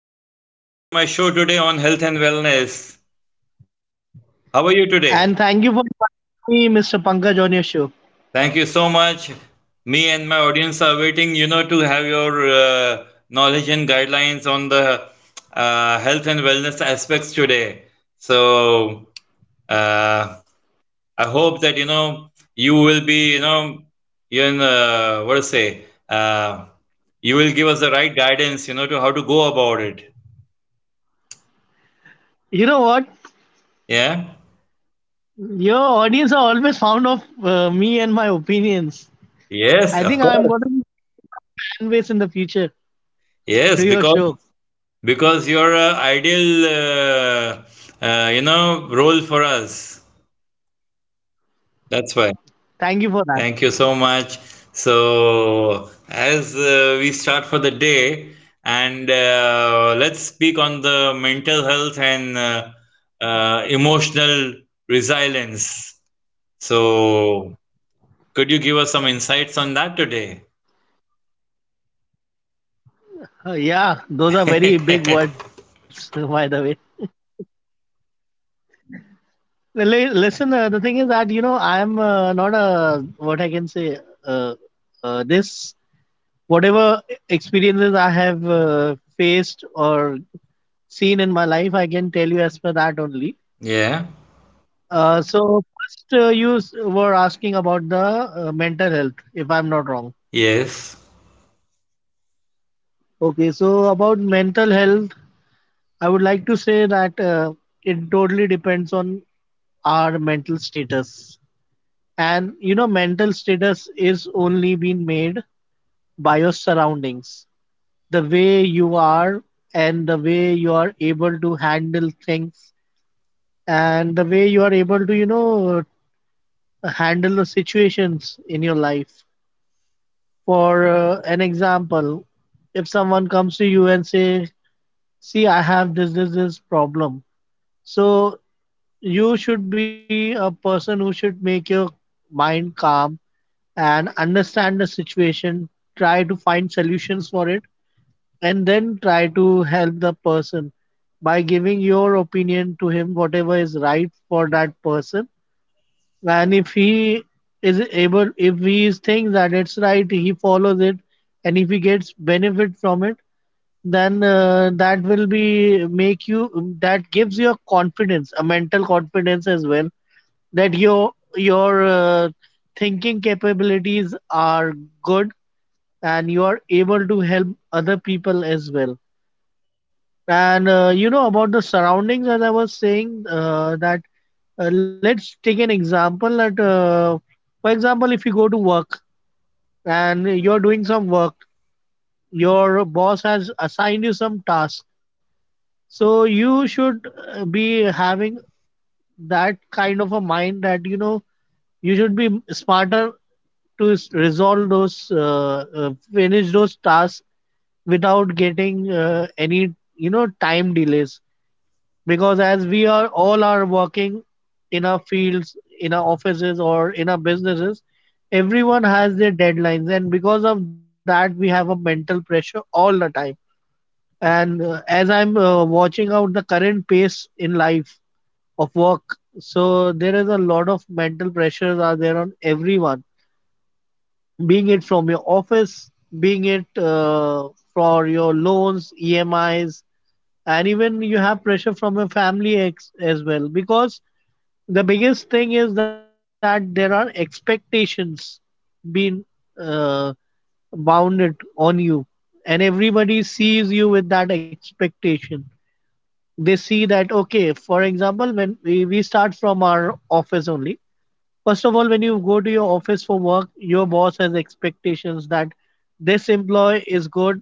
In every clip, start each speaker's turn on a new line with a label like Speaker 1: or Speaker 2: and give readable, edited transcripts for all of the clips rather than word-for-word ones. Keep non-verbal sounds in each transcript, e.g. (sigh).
Speaker 1: Mr. Kabir, to my show today on health and wellness. How are you
Speaker 2: And
Speaker 1: today?
Speaker 2: thank you for inviting me, Mr. Pankaj, on your show.
Speaker 1: Thank you so much. Me and my audience are waiting, to have your knowledge and guidelines on the health and wellness aspects today. So uh, I hope that you will be, you in what to say, you will give us the right guidance, to how to go about it.
Speaker 2: You know what?
Speaker 1: Yeah.
Speaker 2: Your audience are always fond of me and my opinions.
Speaker 1: Yes,
Speaker 2: I
Speaker 1: of
Speaker 2: think I'm
Speaker 1: course.
Speaker 2: going to be making some fan base in the future
Speaker 1: Yes,
Speaker 2: through your
Speaker 1: because
Speaker 2: show.
Speaker 1: you're a ideal, role for us. That's why.
Speaker 2: Thank you for that.
Speaker 1: Thank you so much. So, as we start for the day, and let's speak on the mental health and emotional resilience. So, could you give us some insights on that today?
Speaker 2: Yeah, those are very big words, (laughs) by the way.
Speaker 1: (laughs)
Speaker 2: Well, Listen, the thing is that, I'm not a, what I can say, uh, this, whatever experiences I have faced or seen in my life. I can tell you as per that only.
Speaker 1: Yeah.
Speaker 2: So first, you were asking about the mental health, if I'm not wrong.
Speaker 1: Yes.
Speaker 2: Okay, so about mental health, I would like to say that it totally depends on our mental status. And mental status is only being made by your surroundings, the way you are, and the way you are able to handle things, and the way you are able to, handle the situations in your life. For an example, if someone comes to you and say, "See, I have this problem," so you should be a person who should make your mind calm and understand the situation, try to find solutions for it, and then try to help the person by giving your opinion to him, whatever is right for that person, and if he thinks that it's right, he follows it, and if he gets benefit from it, then that will be make you that gives you a mental confidence as well, that your thinking capabilities are good and you are able to help other people as well. And you know about the surroundings, as I was saying, that let's take an example for example, if you go to work and you're doing some work, your boss has assigned you some task. So you should be having that kind of a mind that, you should be smarter to finish those tasks without getting any, time delays. Because as we are all are working in our fields, in our offices or in our businesses, everyone has their deadlines, and because of that we have a mental pressure all the time. And as I'm watching out the current pace in life of work, so there is a lot of mental pressures are there on everyone, being it from your office, being it for your loans, emis, and even you have pressure from your family as well, because the biggest thing is that there are expectations being uh, bounded on you, and everybody sees you with that expectation. They see that okay, for example, when we start from our office only. First of all, when you go to your office for work, your boss has expectations that this employee is good,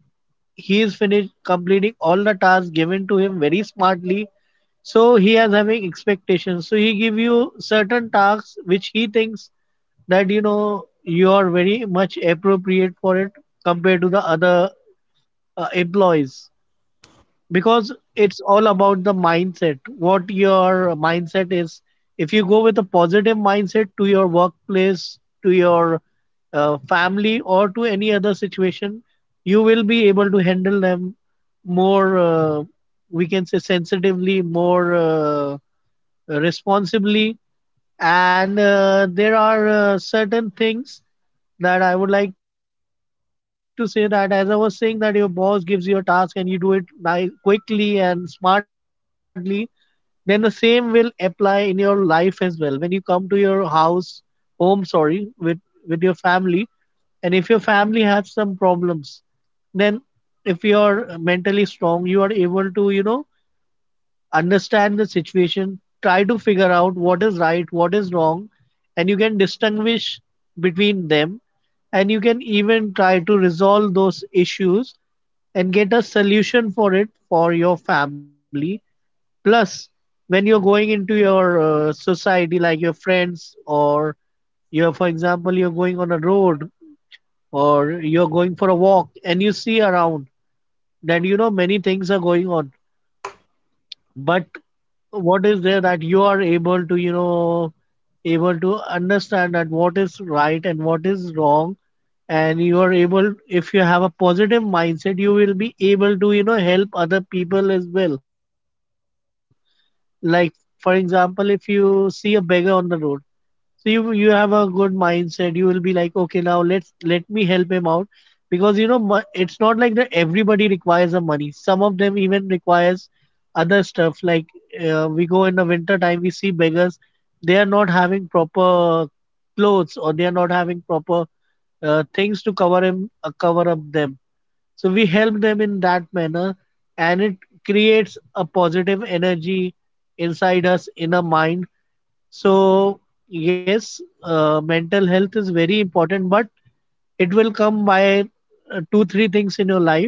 Speaker 2: he is finished completing all the tasks given to him very smartly. So he has having expectations. So he give you certain tasks which he thinks that you are very much appropriate for it compared to the other employees, because it's all about the mindset, what your mindset is. If you go with a positive mindset to your workplace, to your family, or to any other situation, you will be able to handle them more, we can say, sensitively, more responsibly. And there are certain things that I would like to say, that as I was saying, that your boss gives you a task and you do it nice, quickly and smartly, then the same will apply in your life as well. When you come to your home, with your family, and if your family has some problems, then if you are mentally strong, you are able to, understand the situation, try to figure out what is right, what is wrong, and you can distinguish between them. And you can even try to resolve those issues and get a solution for it for your family. Plus, when you're going into your society, like your friends, or for example, you're going on a road, or you're going for a walk, and you see around that, many things are going on, but what is there that you are able to you know able to understand that what is right and what is wrong, and you are able, if you have a positive mindset, you will be able to, help other people as well. Like, for example, if you see a beggar on the road, so you have a good mindset. You will be like, okay, now let me help him out, because it's not like that everybody requires the money. Some of them even requires other stuff. Like, we go in the winter time, we see beggars. They are not having proper clothes, or they are not having proper things to cover up them. So we help them in that manner, and it creates a positive energy inside us, in our mind. So, yes, mental health is very important, but it will come by two, three things in your life.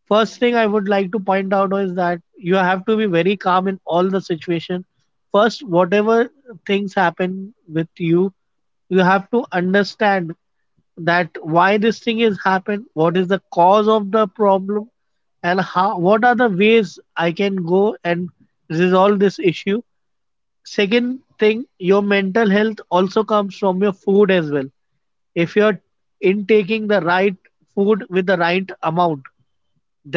Speaker 2: First thing I would like to point out is that you have to be very calm in all the situation. First, whatever things happen with you, you have to understand that why this thing is happened, what is the cause of the problem, and how, what are the ways I can go and resolve this issue. Second thing, your mental health also comes from your food as well. If you're intaking the right food with the right amount,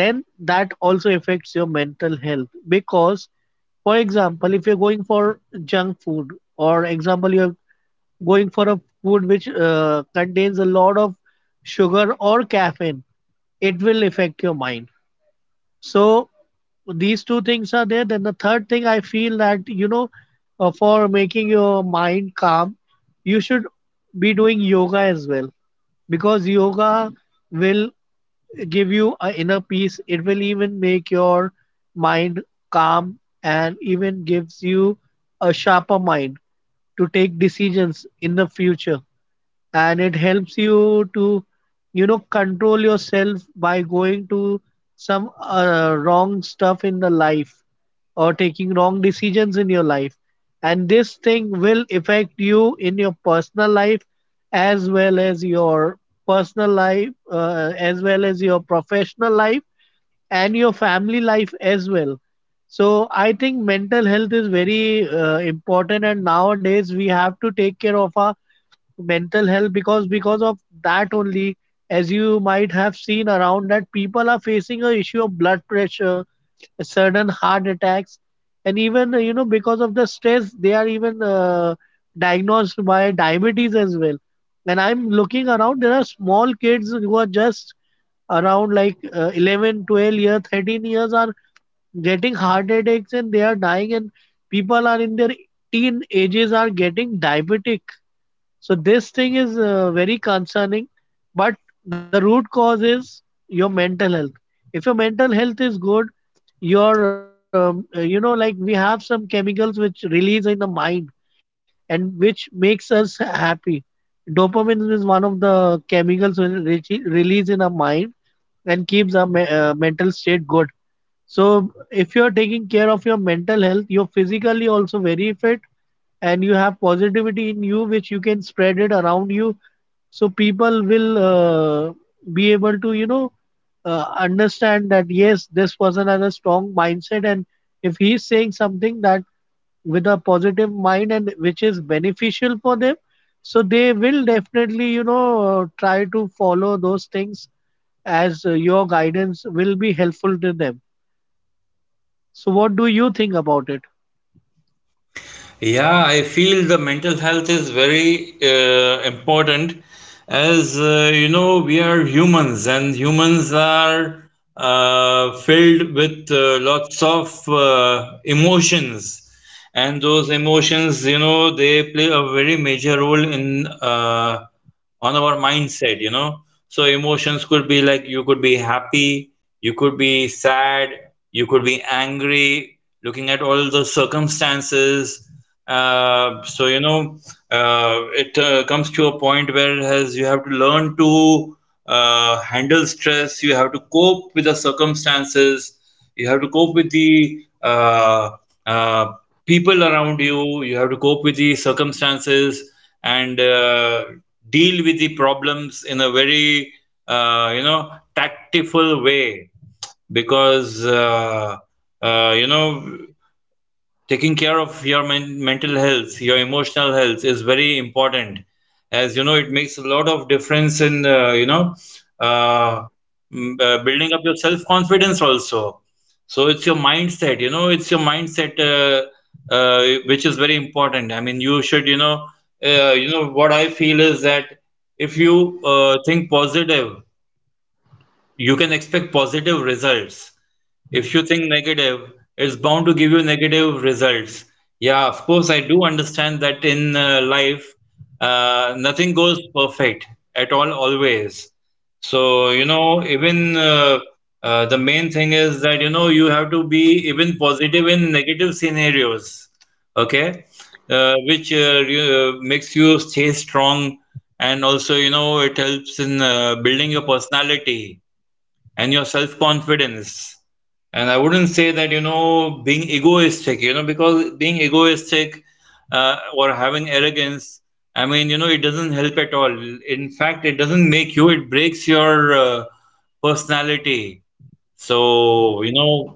Speaker 2: then that also affects your mental health. Because, for example, if you're going for junk food, or example, you're going for a food which contains a lot of sugar or caffeine, it will affect your mind. So these two things are there. Then the third thing I feel that, for making your mind calm, you should be doing yoga as well, because yoga will give you a inner peace. It will even make your mind calm, and even gives you a sharper mind to take decisions in the future, and it helps you to, control yourself by going to some wrong stuff in the life, or taking wrong decisions in your life, and this thing will affect you in your personal life, as well as your professional life and your family life as well. So I think mental health is very important, and nowadays we have to take care of our mental health, because of that only, as you might have seen around, that people are facing a issue of blood pressure, sudden heart attacks, and even, because of the stress, they are even diagnosed by diabetes as well. And I'm looking around, there are small kids who are just around like 11, 12 years, 13 years, are getting heart attacks and they are dying, and people are in their teen ages are getting diabetic. So this thing is very concerning, but the root cause is your mental health. If your mental health is good, your you know like, we have some chemicals which release in the mind and which makes us happy. Dopamine is one of the chemicals which release in our mind and keeps our mental state good. So if you're taking care of your mental health, you're physically also very fit, and you have positivity in you, which you can spread it around you, so people will, be able to, understand that yes, this person has a strong mindset, and if he is saying something that with a positive mind and which is beneficial for them, so they will definitely, try to follow those things, as your guidance will be helpful to them. So what do you think about it?
Speaker 1: Yeah, I feel the mental health is very important, as you know, we are humans and humans are filled with lots of emotions, and those emotions, you know, they play a very major role in, on our mindset. So emotions could be like you could be happy, you could be sad, you could be angry, looking at all the circumstances. Uh, so you know, it comes to a point where has you have to learn to handle stress, you have to cope with the circumstances, you have to cope with the uh, people around you, you have to cope with the circumstances, and deal with the problems in a very, tactful way, because you know, taking care of your mental health, your emotional health, is very important, as you know. It makes a lot of difference in, uh, building up your self confidence also. So it's your mindset, it's your mindset, uh, which is very important. I mean, you should, you know what I feel is that if you think positive, you can expect positive results. If you think negative, it's bound to give you negative results. Yeah, of course, I do understand that in life, nothing goes perfect at all, always. So, you know, even the main thing is that, you know, you have to be even positive in negative scenarios, okay? Which makes you stay strong, and also, you know, it helps in building your personality and your self confidence. And I wouldn't say that, you know, being egoistic, you know, because being egoistic, or having arrogance, I mean, you know, it doesn't help at all. In fact, it doesn't make you, it breaks your personality. So, you know,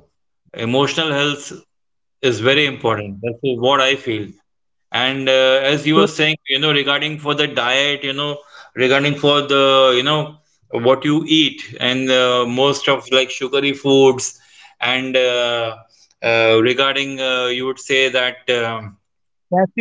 Speaker 1: emotional health is very important. That's what I feel. And as you were saying, you
Speaker 2: So,
Speaker 1: know, regarding for the diet, you know, regarding for the, you know, what you eat and most of like sugary foods and, regarding, you would say that,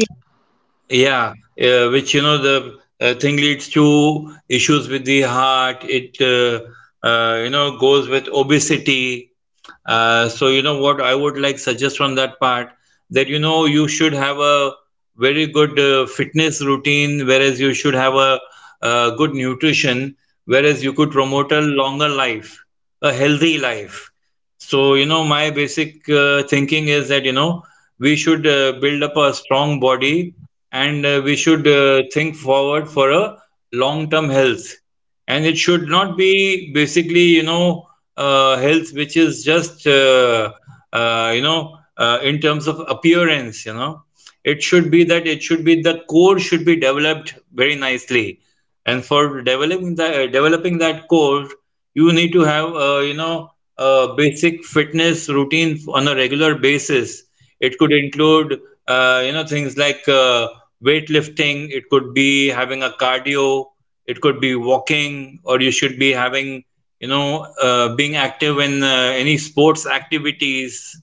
Speaker 2: Yasin,
Speaker 1: yeah, which, you know, the thing leads to issues with the heart. It, goes with obesity. So you know what I would like suggest on that part, that you know you should have a very good fitness routine, whereas you should have a good nutrition, whereas you could promote a longer life, a healthy life. So, you know, my basic thinking is that, you know, we should build up a strong body, and we should think forward for a long-term health. And it should not be basically, you know, health which is just, you know, in terms of appearance, you know. It should be that it should be the core should be developed very nicely. And for developing the, developing that core, you need to have, you know, a basic fitness routine on a regular basis. It could include, you know, things like weightlifting. It could be having a cardio, it could be walking, or you should be having, you know, being active in any sports activities.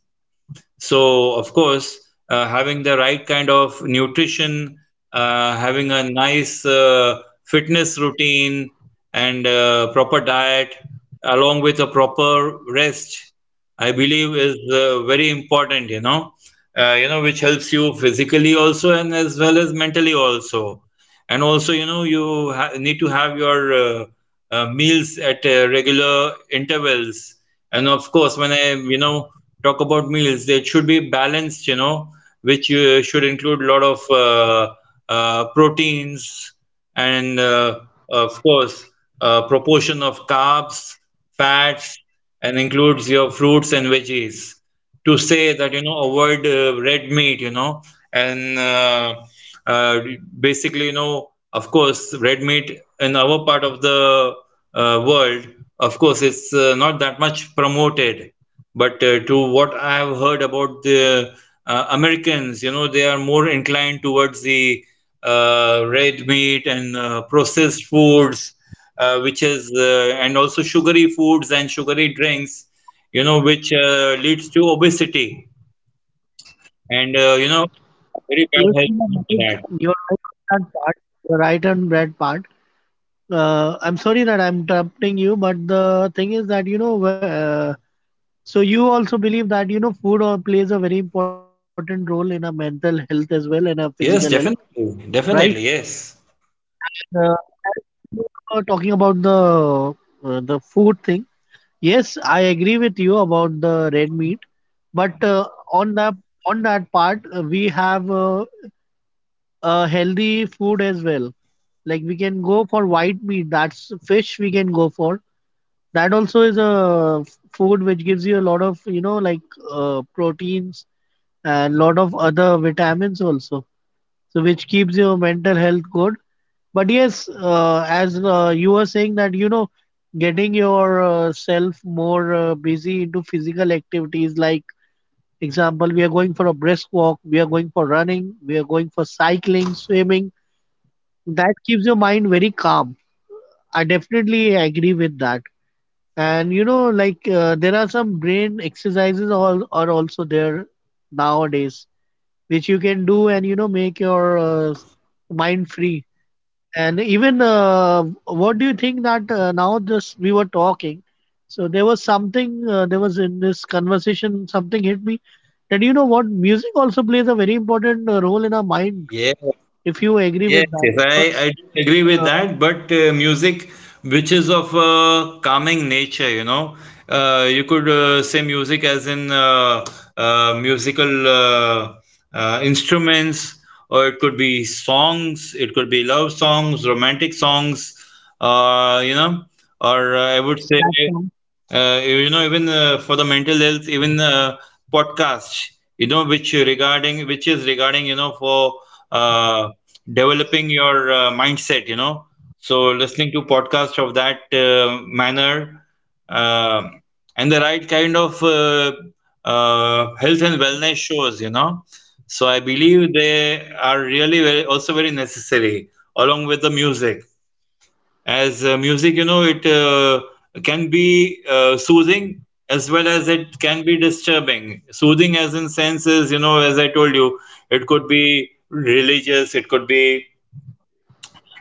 Speaker 1: So of course, having the right kind of nutrition, having a nice fitness routine, and proper diet, along with a proper rest, I believe is very important, you know, which helps you physically also, and as well as mentally also. And also, you know, you ha need to have your meals at regular intervals. And of course, when I, you know, talk about meals, they should be balanced, you know, which should include a lot of proteins, and, of course, proportion of carbs, fats, and includes your fruits and veggies. To say that, you know, avoid red meat, you know, and, uh, basically, you know, of course, red meat in our part of the world, of course, it's not that much promoted, but to what I have heard about the Americans, you know, they are more inclined towards the red meat and processed foods, which is and also sugary foods and sugary drinks, you know, which leads to obesity, and, you know, very bad
Speaker 2: yes, you are
Speaker 1: health after
Speaker 2: right.
Speaker 1: that.
Speaker 2: You're right on that part. You're right on that part. I'm sorry that I'm interrupting you, but the thing is that, so you also believe that, food plays a very important role in our mental health as well and our physical health,
Speaker 1: Yes, definitely.
Speaker 2: right?
Speaker 1: Definitely, yes.
Speaker 2: And as you were talking about the food thing, yes, I agree with you about the red meat. But on that part, we have healthy food as well. Like, we can go for white meat, that's fish we can go for. That also is a food which gives you a lot of, like proteins and lot of other vitamins also. So which keeps your mental health good. But yes, as you were saying that, getting yourself more busy into physical activities like example we are going for a brisk walk, we are going for running, we are going for cycling, swimming. That keeps your mind very calm. I definitely agree with that. And you know, like there are some brain exercises all are also there nowadays, which you can do and you know make your mind free. And even what do you think that now just we were talking, so there was something there was in this conversation something hit me that you know what music also plays a very important role in our mind.
Speaker 1: Yes,
Speaker 2: If you agree
Speaker 1: yes,
Speaker 2: with
Speaker 1: yes.
Speaker 2: that,
Speaker 1: I,
Speaker 2: because
Speaker 1: I do agree with
Speaker 2: uh,
Speaker 1: that. But music, which is of calming nature, you know, you could say music as in musical instruments, or it could be songs, it could be love songs, romantic songs, you know, or I would say.
Speaker 2: Snapchat.
Speaker 1: You know, even for the mental health, even podcasts, you know, which regarding, which is regarding, you know, for uh, developing your mindset, you know, so listening to podcast of that manner, um and the right kind of health and wellness shows, you know, so I believe they are really very, also very necessary, along with the music, as music, you know, it can be soothing, as well as it can be disturbing, soothing as in senses, you know, as I told you, it could be religious, it could be,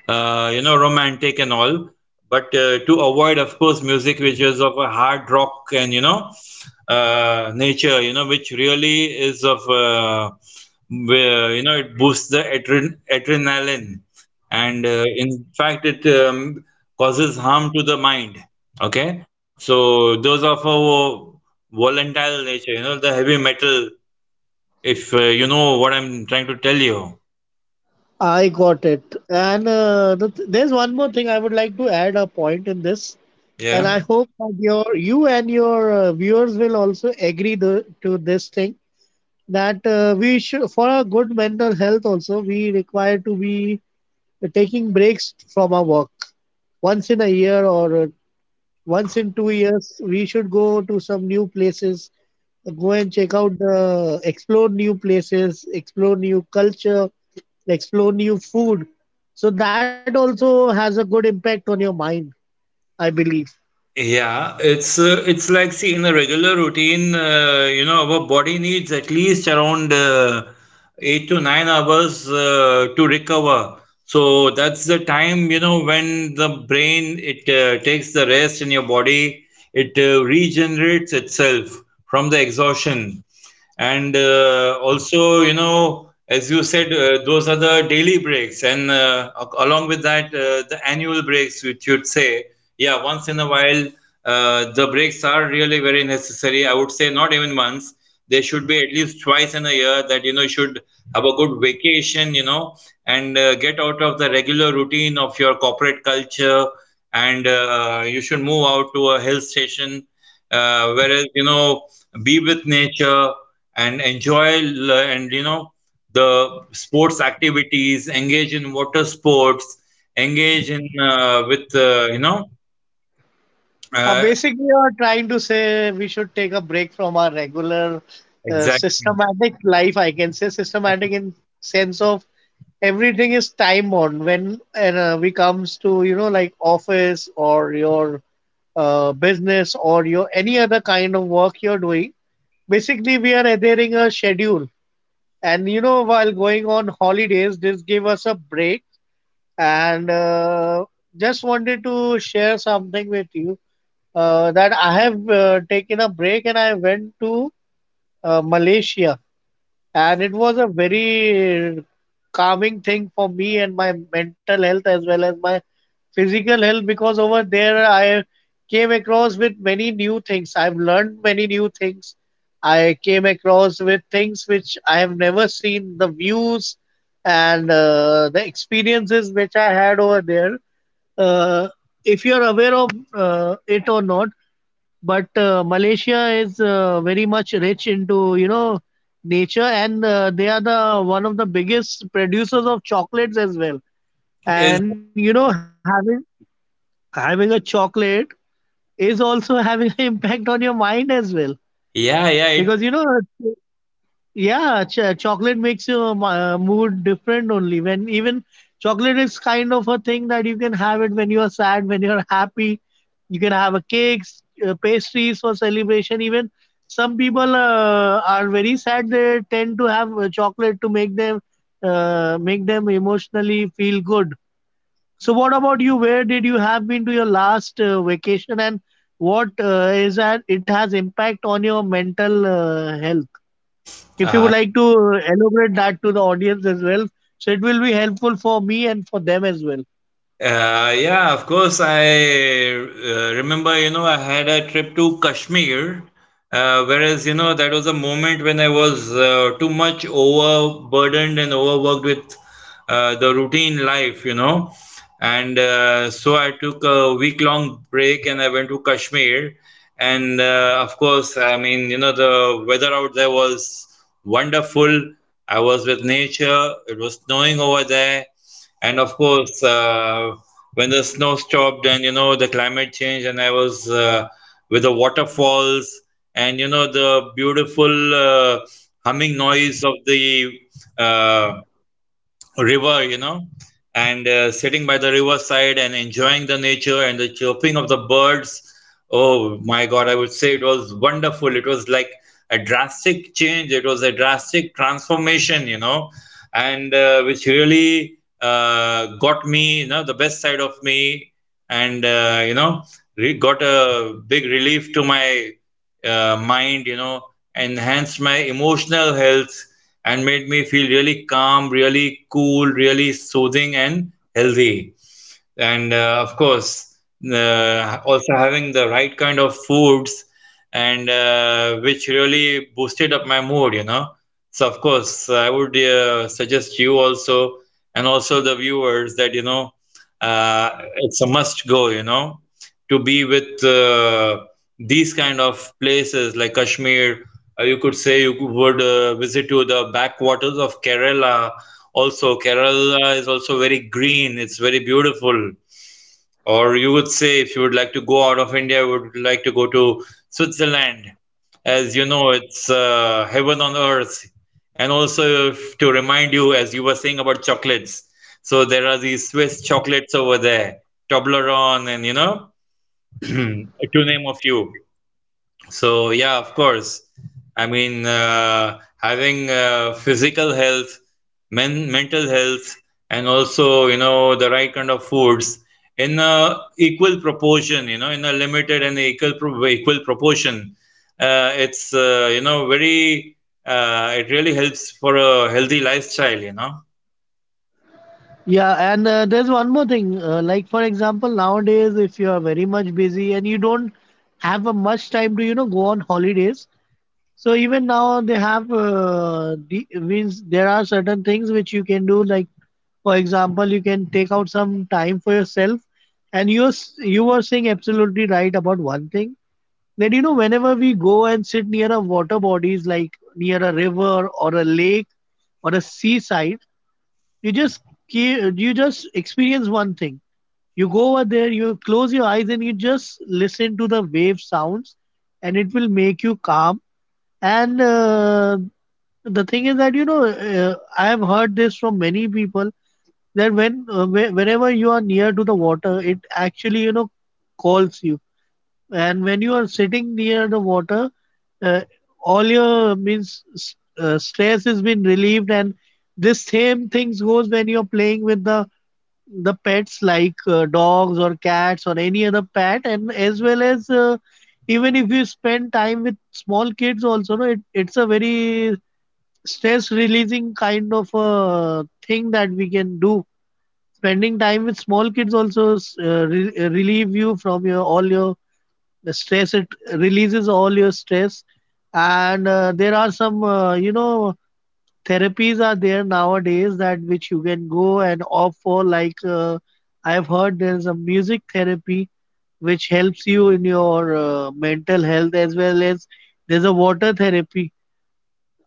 Speaker 1: you know, romantic and all. But to avoid, of course, music which is of a hard rock and, you know, nature, you know, which really is of, where, you know, it boosts the adrenaline, and in fact, it, causes harm to the mind. Okay, so those are for volatile nature, you know, the heavy metal. If, you know what I'm trying to tell you,
Speaker 2: I got it. And there's one more thing I would like to add a point in this, and
Speaker 1: yeah.
Speaker 2: I hope that you and your viewers will also agree to this thing that we should, for our good mental health also, we require to be taking breaks from our work once in a year or once in 2 years we should go to some new places, go and check out the, explore new places, explore new culture, explore new food, so that also has a good impact on your mind, I believe.
Speaker 1: Yeah, it's like see in a regular routine, you know, our body needs at least around 8 to 9 hours to recover. So that's the time, you know, when the brain, it takes the rest, and your body, it regenerates itself from the exhaustion. And also, you know, as you said, those are the daily breaks, and, along with that, the annual breaks, which you'd say, yeah, once in a while, the breaks are really very necessary. I would say not even once. They should be at least twice in a year, that, you know, you should have a good vacation, you know, and get out of the regular routine of your corporate culture, and you should move out to a hill station, whereas, you know, be with nature and enjoy, and, you know, the sports activities, engage in water sports, engage in, you know, uh,
Speaker 2: Basically, you're trying to say we should take a break from our regular
Speaker 1: exactly.
Speaker 2: systematic life. I can say systematic in sense of everything is time on when, and we comes to you know like office or your business or your any other kind of work you're doing. Basically, we are adhering a schedule, and you know while going on holidays, this give us a break and just wanted to share something with you that I have taken a break and I went to Malaysia. And it was a very calming thing for me and my mental health as well as my physical health, because over there I came across with many new things. I've learned many new things. I came across with things which I have never seen, the views and the experiences which I had over there. uh, if you're aware of it or not, but Malaysia is very much rich into you know nature, and they are the one of the biggest producers of chocolates as well.
Speaker 1: Is
Speaker 2: And you know having a chocolate is also having (laughs) an impact on your mind as well,
Speaker 1: yeah, yeah,
Speaker 2: because
Speaker 1: it,
Speaker 2: you know yeah, chocolate makes your mood different only. When even chocolate is kind of a thing that you can have it when you are sad, when you're happy. You can have a cakes, pastries for celebration. Even some people are very sad. They tend to have chocolate to make them emotionally feel good. So, what about you? Where did you have been to your last vacation, and what is that? It has impact on your mental health. If you
Speaker 1: uh,
Speaker 2: would like to elaborate that to the audience as well, so it will be helpful for me and for them as well.
Speaker 1: yeah, of course. I remember, you know, I had a trip to Kashmir, whereas, you know, that was a moment when I was too much overburdened and overworked with the routine life, you know. And so I took a week long break and I went to Kashmir. And of course, I mean, you know, the weather out there was wonderful. I was with nature, it was snowing over there. And of course, when the snow stopped, and you know the climate change, and I was with the waterfalls, and you know the beautiful humming noise of the, uh, river, you know, and sitting by the riverside and enjoying the nature and the chirping of the birds. Oh my God, I would say it was wonderful. It was like a drastic change. It was a drastic transformation, you know, and which really got me, you know, the best side of me, and, re got a big relief to my mind, you know, enhanced my emotional health and made me feel really calm, really cool, really soothing and healthy. And of course, also having the right kind of foods, and which really boosted up my mood, you know. So of course, I would suggest you also, and also the viewers, that you know, it's a must go, you know, to be with these kind of places like Kashmir. You could say you would visit to the backwaters of Kerala. Also, Kerala is also very green. It's very beautiful. Or you would say if you would like to go out of India, you would like to go to Switzerland. As you know, it's heaven on earth. And also, if, to remind you, as you were saying about chocolates. So there are these Swiss chocolates over there, Toblerone and, you know. (clears throat) To name a few. So yeah, of course. I mean, having physical health, mental health, and also, you know, the right kind of foods in a equal proportion. You know, in a limited and equal proportion. It's you know very. It really helps for a healthy lifestyle. You know.
Speaker 2: Yeah, and there's one more thing. Like for example, nowadays, if you are very much busy and you don't have a much time to you know go on holidays, so even now they have means there are certain things which you can do. Like for example, you can take out some time for yourself. And you were saying absolutely right about one thing. Then, you know, whenever we go and sit near a water bodies, like near a river or a lake or a seaside, you just you just experience one thing. You go over there, you close your eyes, and you just listen to the wave sounds, and it will make you calm. And the thing is that you know, I have heard this from many people that when whenever you are near to the water, it actually you know calls you, and when you are sitting near the water, uh, all your stress has been relieved, and this same things goes when you're playing with the pets like dogs or cats or any other pet, and as well as even if you spend time with small kids also, no, it's a very stress releasing kind of a thing that we can do. Spending time with small kids also relieve you from your all your the stress, it releases all your stress. And there are some you know therapies are there nowadays that which you can go and opt for, like I've heard there's a music therapy which helps you in your mental health, as well as there's a water therapy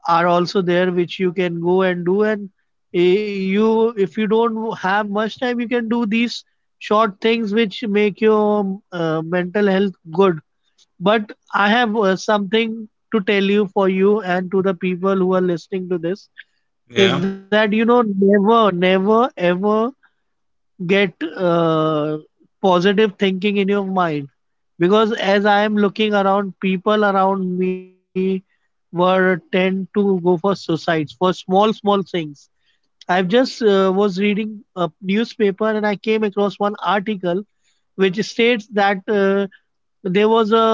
Speaker 2: are also there which you can go and do. And eh, you if you don't have much time you can do these short things which make your mental health good. But I have something to tell you, for you and to the people who are listening to this, is
Speaker 1: Yeah.
Speaker 2: that you know never, never ever get positive thinking in your mind, because as I am looking around, people around me were tend to go for suicides for small small things. I've just was reading a newspaper and I came across one article which states that there was a,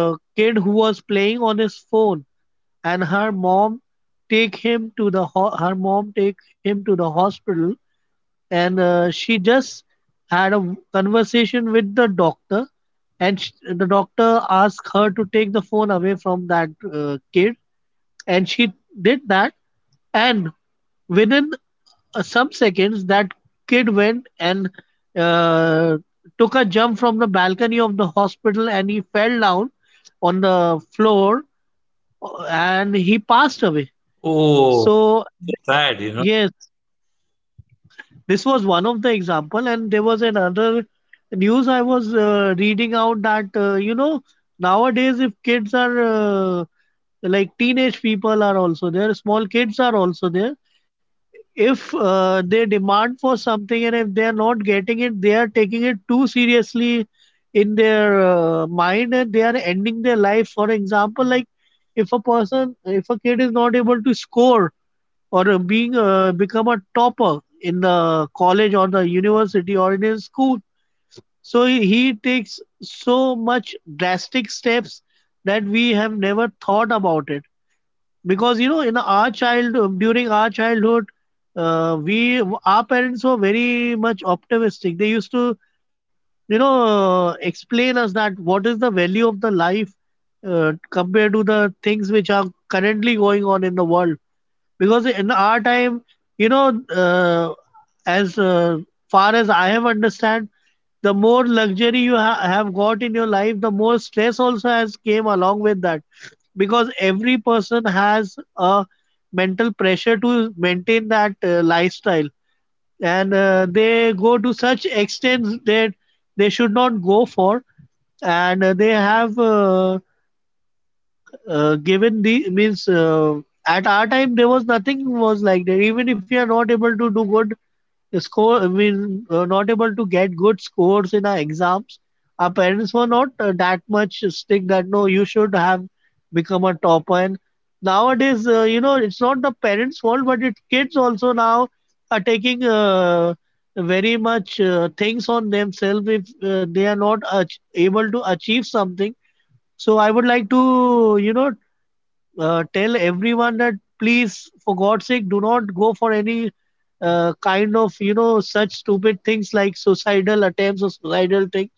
Speaker 2: uh kid who was playing on his phone, and her mom take him to her mom take him to the hospital, and she just had a conversation with the doctor, and the doctor asked her to take the phone away from that kid, and she did that. And within some seconds, that kid went and uh, took a jump from the balcony of the hospital and he fell down on the floor, and he passed away.
Speaker 1: Oh,
Speaker 2: So
Speaker 1: so
Speaker 2: this
Speaker 1: sad,
Speaker 2: was,
Speaker 1: you know.
Speaker 2: yes, this was one of the example, and there was another news I was reading out that you know, nowadays, if kids are like teenage people are also there, small kids are also there, if they demand for something and if they are not getting it, they are taking it too seriously in their mind, and they are ending their life. For example, like if a person, if a kid is not able to score or being become a topper in the college or the university or in his school, so he takes so much drastic steps that we have never thought about it. Because you know in our child during our childhood, we our parents were very much optimistic, they used to you know explain us that what is the value of the life compared to the things which are currently going on in the world. Because in our time, you know as far as I have understand, the more luxury you have got in your life, the more stress also has came along with that, because every person has a mental pressure to maintain that lifestyle, and they go to such extents that they should not go for. And they have given the means at our time there was nothing was like that. Even if you are not able to do good score, I mean not able to get good scores in our exams, our parents were not that much strict that no, you should have become a topper. And nowadays you know, it's not the parents fault, but it kids also now are taking very much things on themselves, if they are not able to achieve something. So I would like to, you know, tell everyone that please, for God's sake, do not go for any kind of you know such stupid things like suicidal attempts or suicidal things,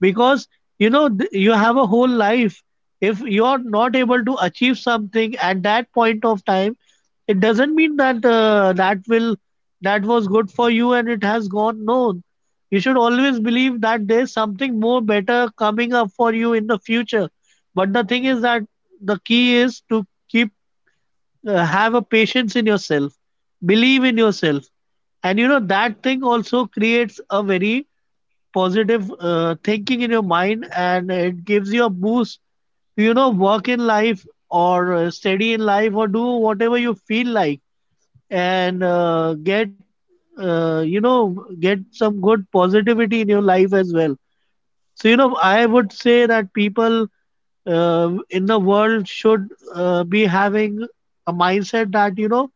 Speaker 2: because you know you have a whole life. If you're not able to achieve something at that point of time, it doesn't mean that that will that was good for you and it has gone, no. You should always believe that there's something more better coming up for you in the future. But the thing is that the key is to keep have a patience in yourself, believe in yourself, and you know that thing also creates a very positive thinking in your mind, and it gives you a boost to you know work in life or study in life or do whatever you feel like, and get you know get some good positivity in your life as well. So you know I would say that people in the world should be having a mindset that you know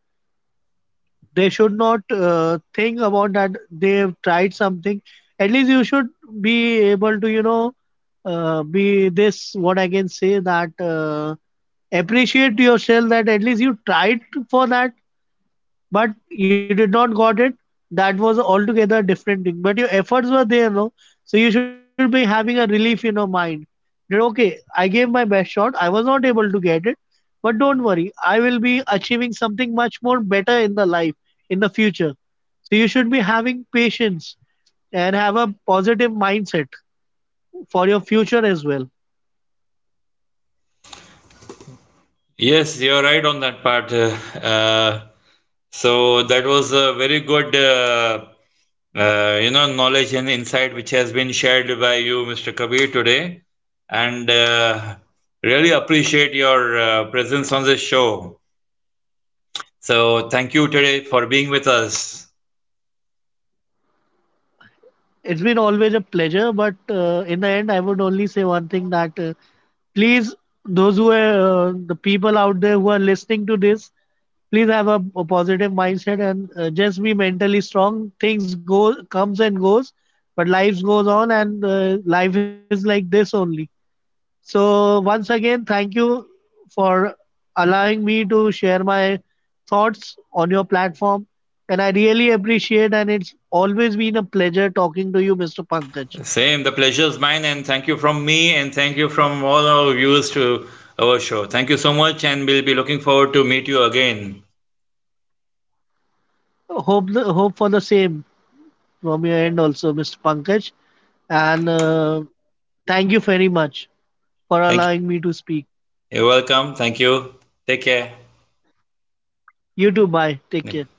Speaker 2: they should not think about that they've tried something. At least you should be able to, you know, what I can say, that appreciate yourself that at least you tried for that, but you did not got it. That was altogether a different thing. But your efforts were there, no? So you should be having a relief in your mind. That okay, I gave my best shot. I was not able to get it, but don't worry, I will be achieving something much more better in the life in the future. So you should be having patience and have a positive mindset for your future as well.
Speaker 1: Yes, you're right on that part. So that was a very good, you know, knowledge and insight which has been shared by you, Mr. Kabir, today, and really appreciate your presence on this show. So thank you today for being with us.
Speaker 2: It's been always a pleasure, but in the end, I would only say one thing that please, those who are the people out there who are listening to this, please have a positive mindset and just be mentally strong. Things go, comes and goes, but life goes on, and life is like this only. So, once again, thank you for allowing me to share my thoughts on your platform. And I really appreciate, and it's always been a pleasure talking to you, Mr. Pankaj.
Speaker 1: Same, the pleasure is mine, and thank you from me, and thank you from all our viewers to our show. Thank you so much, and we'll be looking forward to meet you again.
Speaker 2: Hope hope for the same from your end also, Mr. Pankaj. And thank you very much
Speaker 1: Thank
Speaker 2: for allowing me to speak.
Speaker 1: you. You're welcome. Thank you. Take care.
Speaker 2: You too. Bye. Take care.